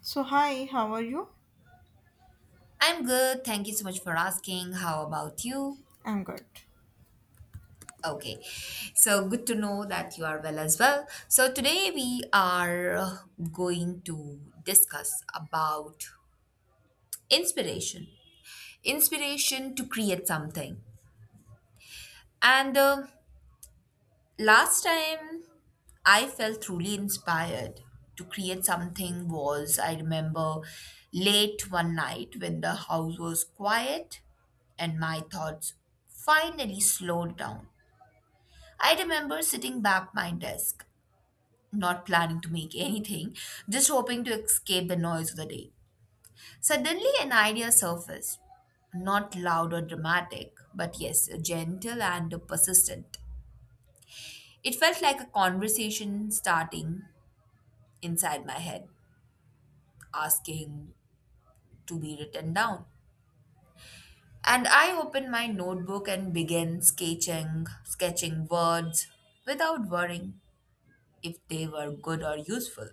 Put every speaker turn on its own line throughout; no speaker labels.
So, hi, how are you?
I'm good. Thank you so much for asking. How about you?
I'm good.
Okay. So good to know that you are well as well. So today we are going to discuss about inspiration. Inspiration to create something. And last time I felt truly inspired to create something was I remember late one night when the house was quiet and my thoughts finally slowed down. I remember sitting back my desk, not planning to make anything, just hoping to escape the noise of the day. Suddenly, an idea surfaced. Not loud or dramatic, but yes, gentle and persistent. It felt like a conversation starting inside my head, asking to be written down. And I opened my notebook and began sketching words without worrying if they were good or useful.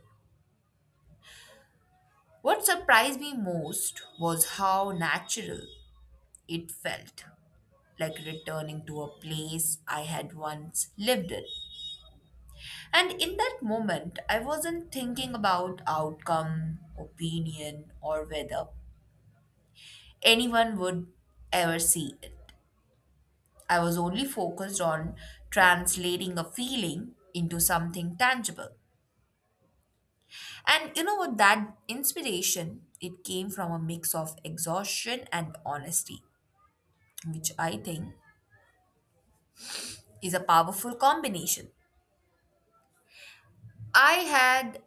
What surprised me most was how natural it felt, like returning to a place I had once lived in. And in that moment, I wasn't thinking about outcome, opinion, or whether anyone would ever see it. I was only focused on translating a feeling into something tangible. And you know what? That inspiration, it came from a mix of exhaustion and honesty, which I think is a powerful combination. I had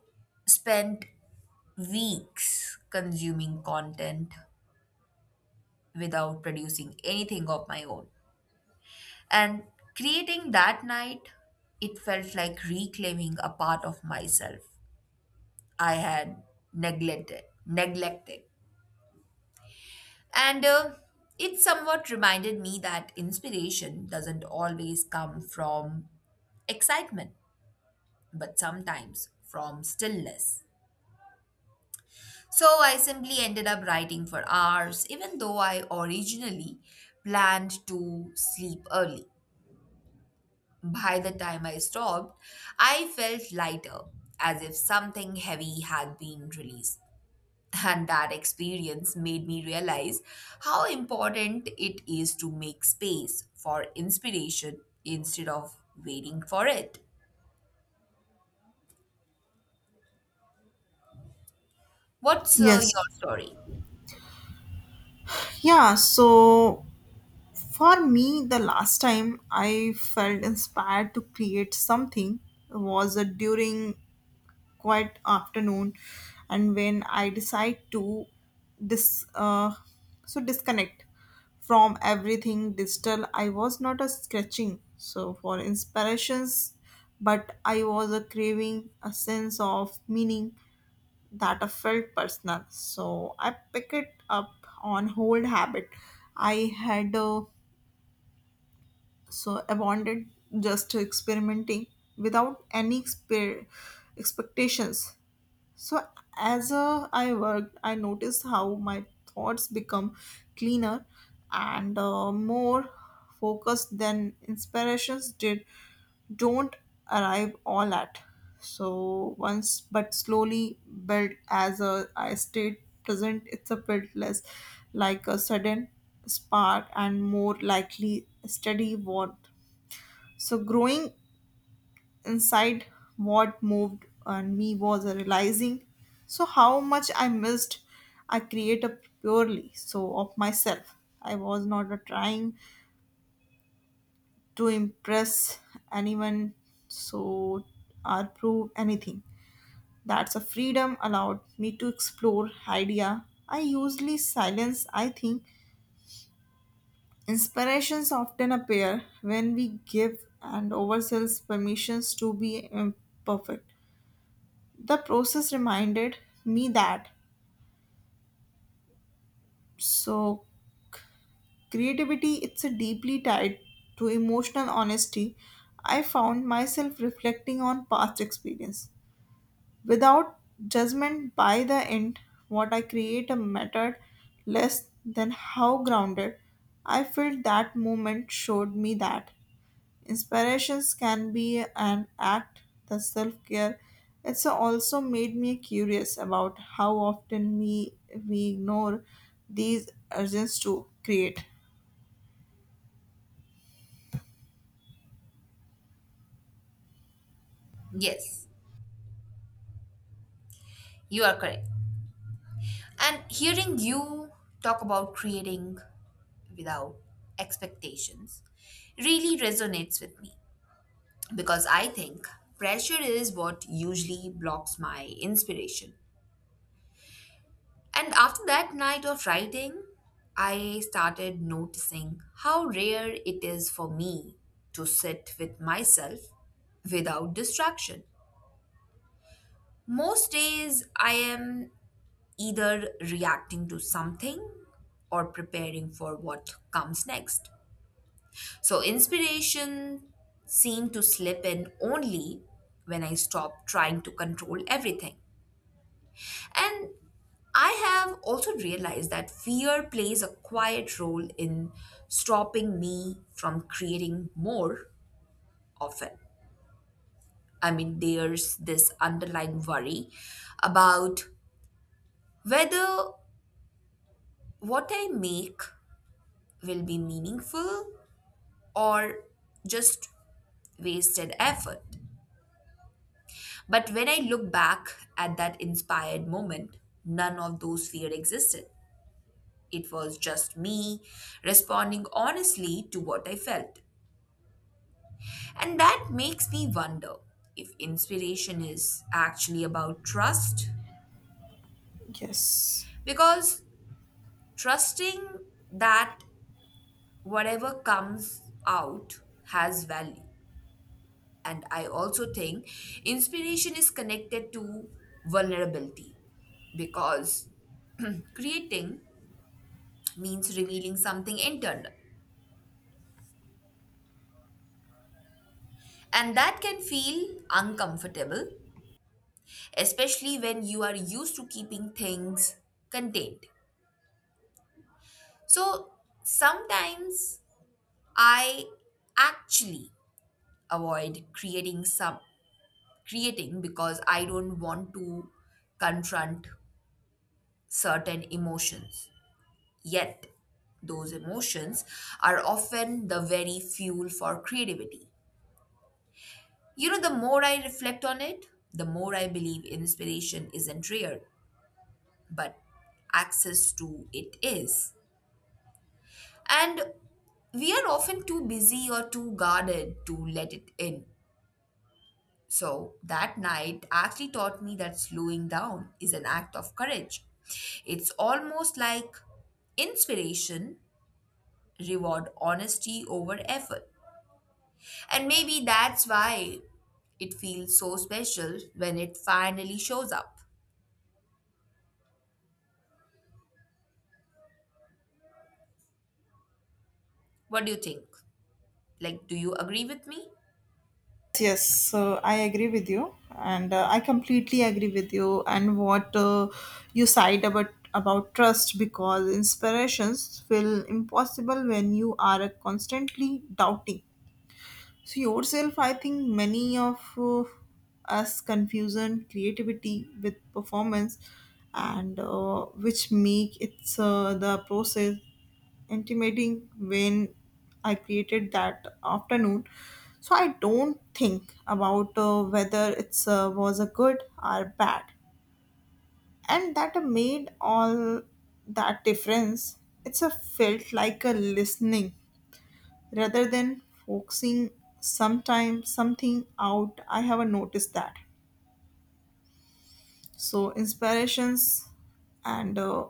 spent weeks consuming content without producing anything of my own. And creating that night, it felt like reclaiming a part of myself I had neglected. And It somewhat reminded me that inspiration doesn't always come from excitement, but sometimes from stillness. So I simply ended up writing for hours, even though I originally planned to sleep early. By the time I stopped, I felt lighter, as if something heavy had been released. And that experience made me realize how important it is to make space for inspiration instead of waiting for it. What's your
Yes.
story?
Yeah, so for me, the last time I felt inspired to create something was during quiet afternoon, and when I decide to dis uh, disconnect from everything digital. I was not a sketching so for inspirations, but I was a craving a sense of meaning that I felt personal. So I pick it up on old habit. I had abandoned, just experimenting without any expectations. So as I worked, I noticed how my thoughts become cleaner and more focused than inspirations did don't arrive all at so once, but slowly built as a I stayed present. It's a bit less like a sudden spark and more likely steady warmth, so growing inside. What moved and me was a realizing so how much I missed I create a purely so of myself. I was not a trying to impress anyone so or prove anything. That's a freedom allowed me to explore idea I usually silence. I think inspirations often appear when we give and ourselves permissions to be imperfect. The process reminded me that so creativity it's a deeply tied to emotional honesty. I found myself reflecting on past experience without judgment. By the end, what I create a mattered less than how grounded I felt. That moment showed me that inspirations can be an act, the self care. It's also made me curious about how often we ignore these urges to create.
Yes, you are correct. And hearing you talk about creating without expectations really resonates with me because I think pressure is what usually blocks my inspiration. And after that night of writing, I started noticing how rare it is for me to sit with myself without distraction. Most days, I am either reacting to something or preparing for what comes next. So inspiration seemed to slip in only when I stopped trying to control everything. And I have also realized that fear plays a quiet role in stopping me from creating more often. I mean, there's this underlying worry about whether what I make will be meaningful or just wasted effort. But when I look back at that inspired moment, none of those fear existed. It was just me responding honestly to what I felt. And that makes me wonder if inspiration is actually about trust.
Yes.
Because trusting that whatever comes out has value. And I also think inspiration is connected to vulnerability because creating means revealing something internal. And that can feel uncomfortable, especially when you are used to keeping things contained. So sometimes I actually avoid creating some creating because I don't want to confront certain emotions. Yet those emotions are often the very fuel for creativity. You know, the more I reflect on it, the more I believe inspiration isn't rare, but access to it is. And we are often too busy or too guarded to let it in. So that night actually taught me that slowing down is an act of courage. It's almost like inspiration reward honesty over effort. And maybe that's why it feels so special when it finally shows up. What do you think? Like, do you agree with me?
Yes, so I agree with you, and I completely agree with you. And what you said about trust, because inspirations feel impossible when you are constantly doubting so yourself. I think many of us confusion creativity with performance, and which make it's the process intimating when I created that afternoon. So I don't think about whether it's was a good or bad, and that made all that difference. It's a felt like a listening rather than focusing sometime something out. I have noticed that so inspirations and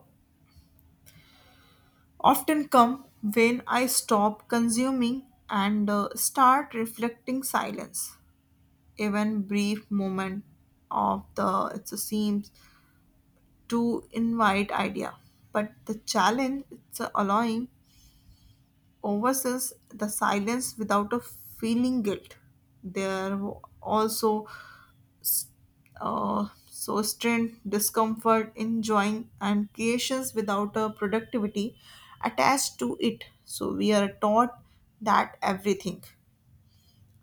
often come when I stop consuming and start reflecting silence, even brief moment of the it seems to invite idea, but the challenge it's allowing oversees the silence without a feeling guilt. There also so strain, discomfort, enjoying, and creations without a productivity attached to it. So we are taught that everything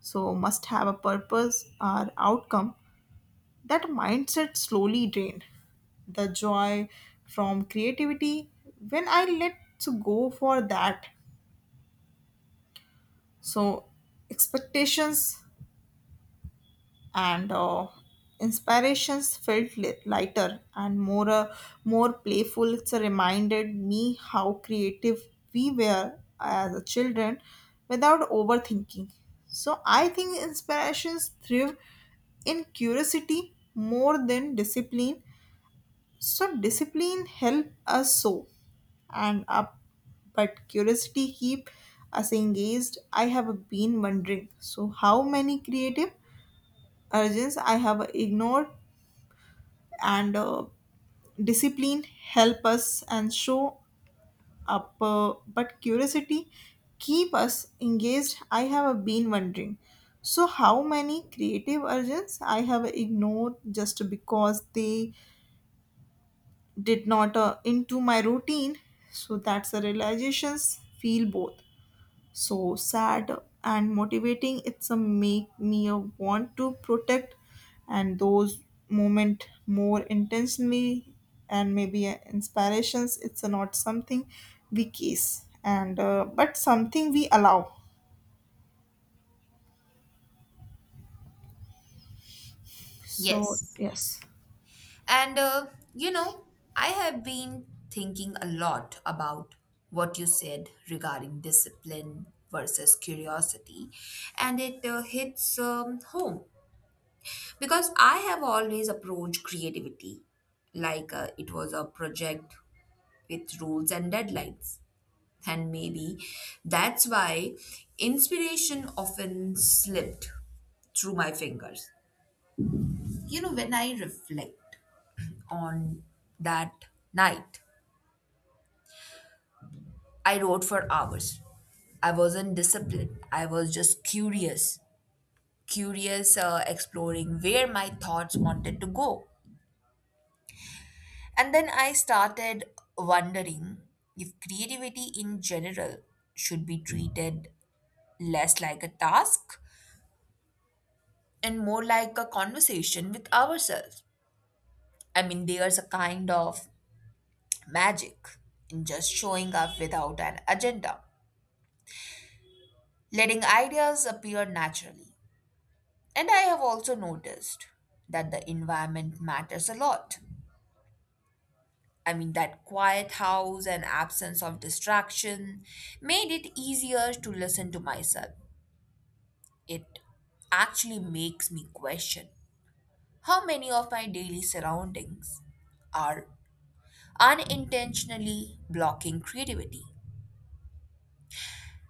so must have a purpose or outcome. That mindset slowly drained the joy from creativity when I let to go for that. So expectations and inspirations felt lighter and more playful. It's reminded me how creative we were as a children without overthinking. So I think inspirations thrive in curiosity more than discipline. So discipline help us so and up, but curiosity keep us engaged. I have been wondering so how many creative urges I have ignored, and discipline help us and show up, but curiosity keep us engaged. I have been wondering. So, how many creative urges I have ignored just because they did not into my routine? So that's the realizations feel both so sad and motivating. It's a make me a want to protect and those moment more intentionally. And maybe inspirations it's a not something we kiss and but something we allow, so
Yes.
yes.
And you know, I have been thinking a lot about what you said regarding discipline versus curiosity, and it hits home because I have always approached creativity like it was a project with rules and deadlines. And maybe that's why inspiration often slipped through my fingers. You know, when I reflect on that night, I wrote for hours. I wasn't disciplined, I was just curious, exploring where my thoughts wanted to go. And then I started wondering if creativity in general should be treated less like a task and more like a conversation with ourselves. I mean, there's a kind of magic in just showing up without an agenda, letting ideas appear naturally. And I have also noticed that the environment matters a lot. I mean, that quiet house and absence of distraction made it easier to listen to myself. It actually makes me question how many of my daily surroundings are unintentionally blocking creativity.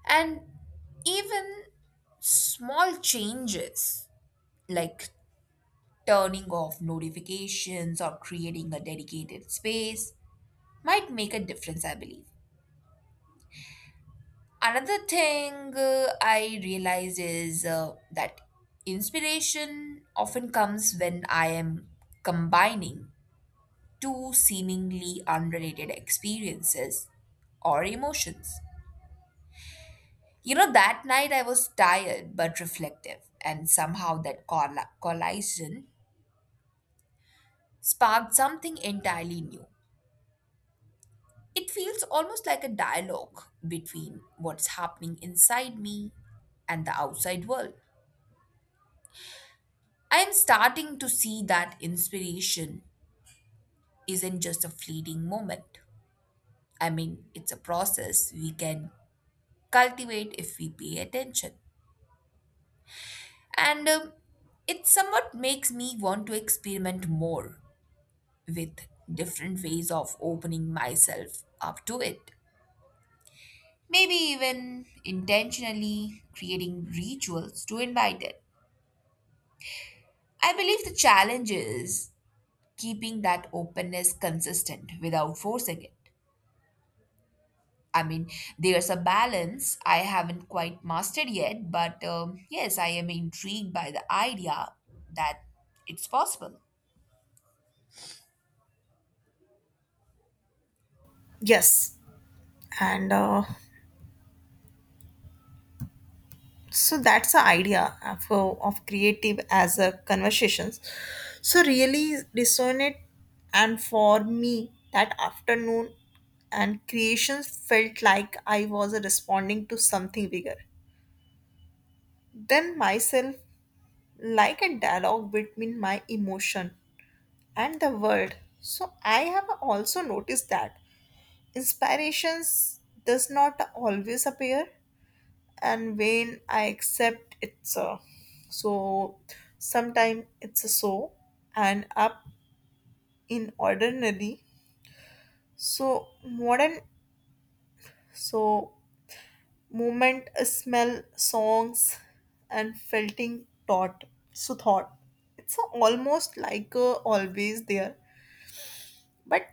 And even small changes like turning off notifications or creating a dedicated space might make a difference, I believe. Another thing I realized is that inspiration often comes when I am combining two seemingly unrelated experiences or emotions. You know, that night I was tired but reflective, and somehow that collision sparked something entirely new. It feels almost like a dialogue between what's happening inside me and the outside world. I am starting to see that inspiration isn't just a fleeting moment. I mean, it's a process we can cultivate if we pay attention. And it somewhat makes me want to experiment more with different ways of opening myself up to it. Maybe even intentionally creating rituals to invite it. I believe the challenge is keeping that openness consistent without forcing it. I mean, there's a balance I haven't quite mastered yet, but yes, I am intrigued by the idea that it's possible.
Yes, and that's the idea of creative as a conversations, so really resonate. And for me that afternoon and creations felt like I was responding to something bigger than myself, like a dialogue between my emotion and the world. So I have also noticed that inspirations does not always appear, and when I accept it's a so sometime it's a so and up in ordinary so modern so movement a smell songs and felting thought so thought it's a almost like a always there, but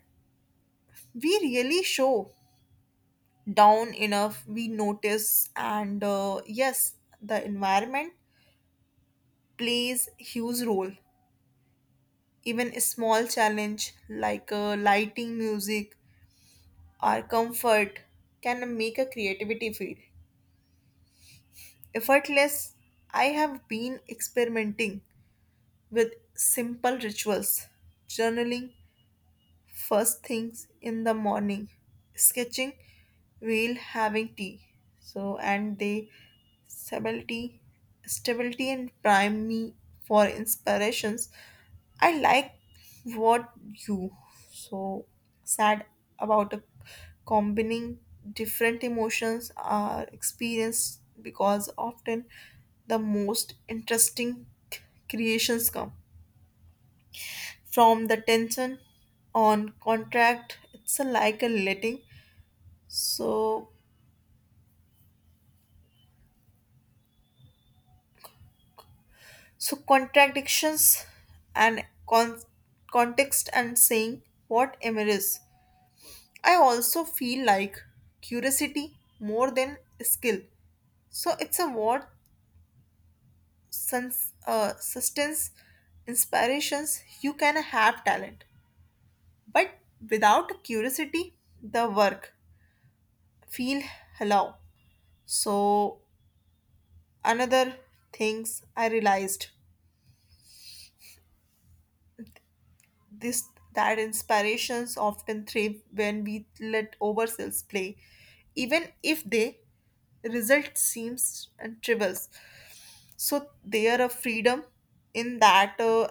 we really show down enough we notice. And yes, the environment plays huge role. Even a small challenge like lighting music or comfort can make a creativity feel effortless. I have been experimenting with simple rituals, journaling, first things in the morning, sketching while having tea, so and they stability stability and prime me for inspirations. I like what you so sad about a combining different emotions are experienced, because often the most interesting creations come from the tension on contract. It's a like a letting so so contradictions and context and saying what emerges. I also feel like curiosity more than skill, so it's a what sense sustenance inspirations. You can have talent, but without curiosity the work feel hollow. So another things I realized this that inspirations often thrive when we let ourselves play, even if they result seems and tribbles. So there a freedom in that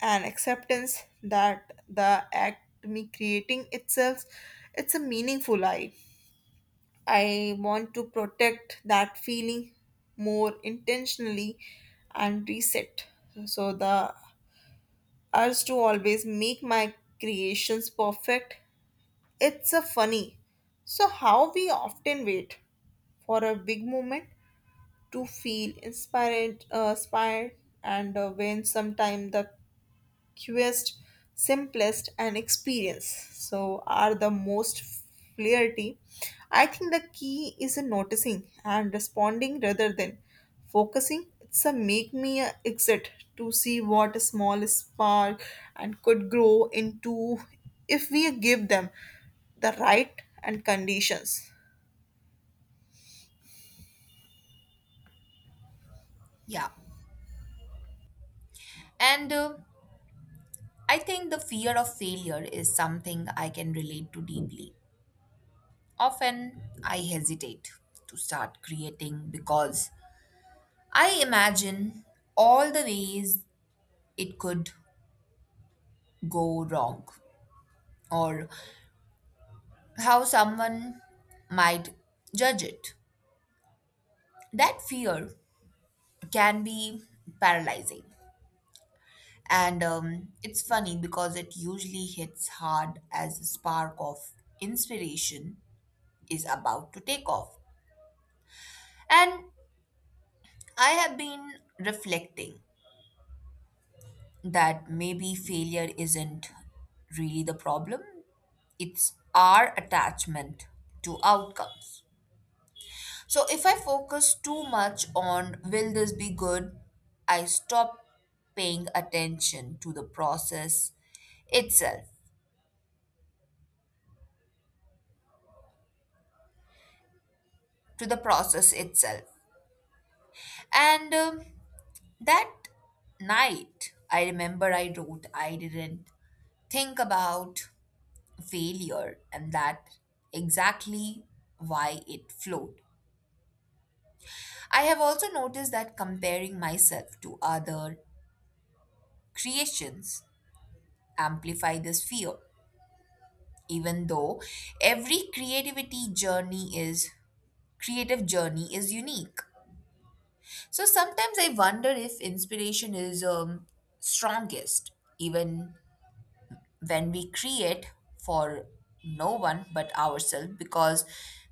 an acceptance that the act me creating itself it's a meaningful. I want to protect that feeling more intentionally and reset. So the urge to always make my creations perfect. It's a funny. So how we often wait for a big moment to feel inspired, and when sometimes the fewest, simplest, and experience. So are the most flirty. I think the key is in noticing and responding rather than focusing. It's a make me a exit to see what a small spark and could grow into if we give them the right and conditions.
Yeah. And I think the fear of failure is something I can relate to deeply. Often I hesitate to start creating because I imagine all the ways it could go wrong or how someone might judge it. That fear can be paralyzing. And it's funny because it usually hits hard as the spark of inspiration is about to take off. And I have been reflecting that maybe failure isn't really the problem, it's our attachment to outcomes. So if I focus too much on will this be good, I stop paying attention to itself, to the process itself. And that night, I remember I wrote, I didn't think about failure, and that exactly why it flowed. I have also noticed that comparing myself to other creations amplify this fear even though every creativity journey is creative journey is unique. So sometimes I wonder if inspiration is strongest even when we create for no one but ourselves because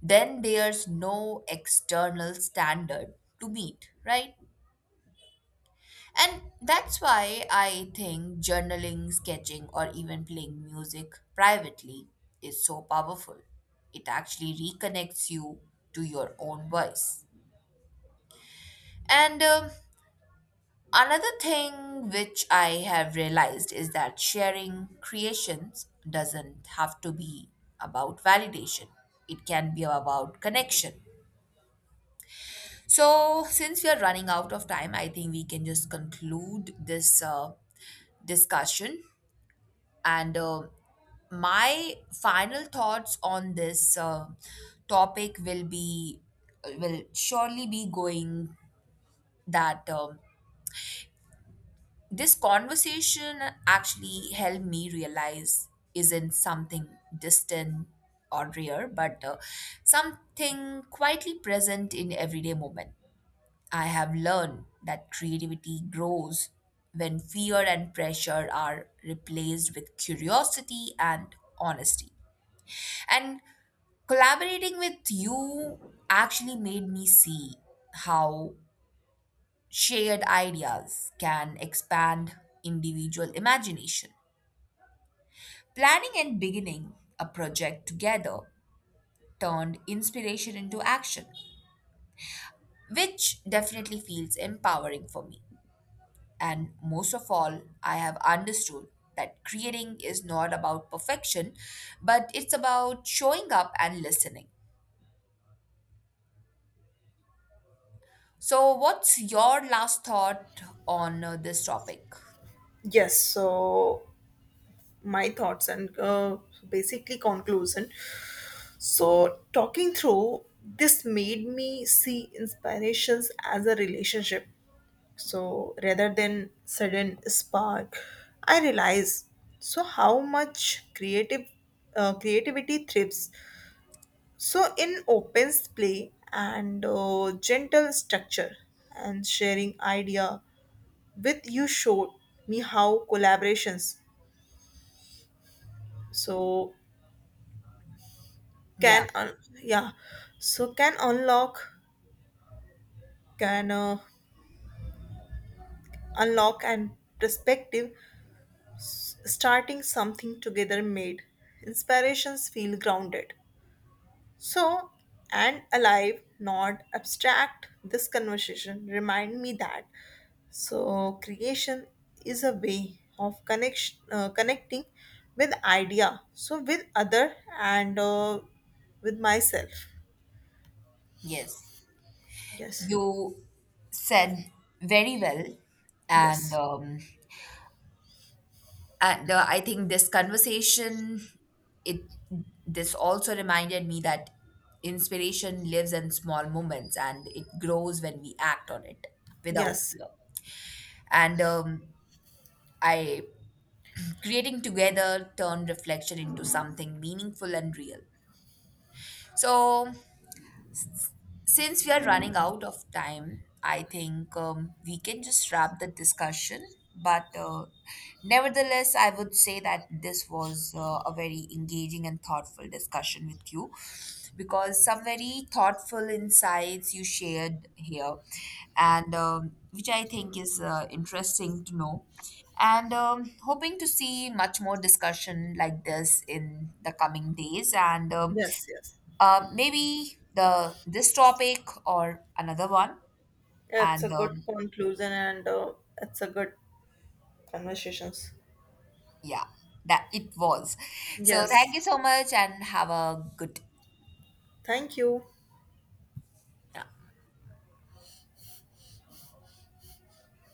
then there's no external standard to meet, right? And that's why I think journaling, sketching, or even playing music privately is so powerful. It actually reconnects you to your own voice. And another thing which I have realized is that sharing creations doesn't have to be about validation, it can be about connection. So, since we are running out of time, I think we can just conclude this discussion. And my final thoughts on this topic will surely be going that this conversation actually helped me realize isn't something distant or rare, but something quietly present in everyday moment. I have learned that creativity grows when fear and pressure are replaced with curiosity and honesty. And collaborating with you actually made me see how shared ideas can expand individual imagination. Planning and beginning a project together turned inspiration into action, which definitely feels empowering for me. And most of all, I have understood that creating is not about perfection, but it's about showing up and listening. So, what's your last thought on this topic?
Yes, so my thoughts and basically conclusion. So, talking through this made me see inspirations as a relationship. So, rather than sudden spark, I realize so how much creative creativity thrives. So, in open play and gentle structure, and sharing idea with you showed me how collaborations so can
Yeah,
un- yeah, so can unlock, can uh, and perspective. S starting something together made inspirations feel grounded, so and alive not abstract. This conversation remind me that so creation is a way of connection connecting with idea so with other and with myself.
yes.
Yes.
You said very well, and
Yes.
um, and I think this conversation it this also reminded me that inspiration lives in small moments and it grows when we act on it without
Yes.
fear. And I Creating together turn reflection into something meaningful and real. So since we are running out of time, I think we can just wrap the discussion. But nevertheless, I would say that this was a very engaging and thoughtful discussion with you because some very thoughtful insights you shared here, and which I think is interesting to know. And hoping to see much more discussion like this in the coming days. And
Yes. Yes,
maybe the this topic or another one,
it's
and
a good conclusion, and it's a good conversations.
yeah, that it was. So thank
Yes.
you so much, and have a good.
Thank you.
Yeah.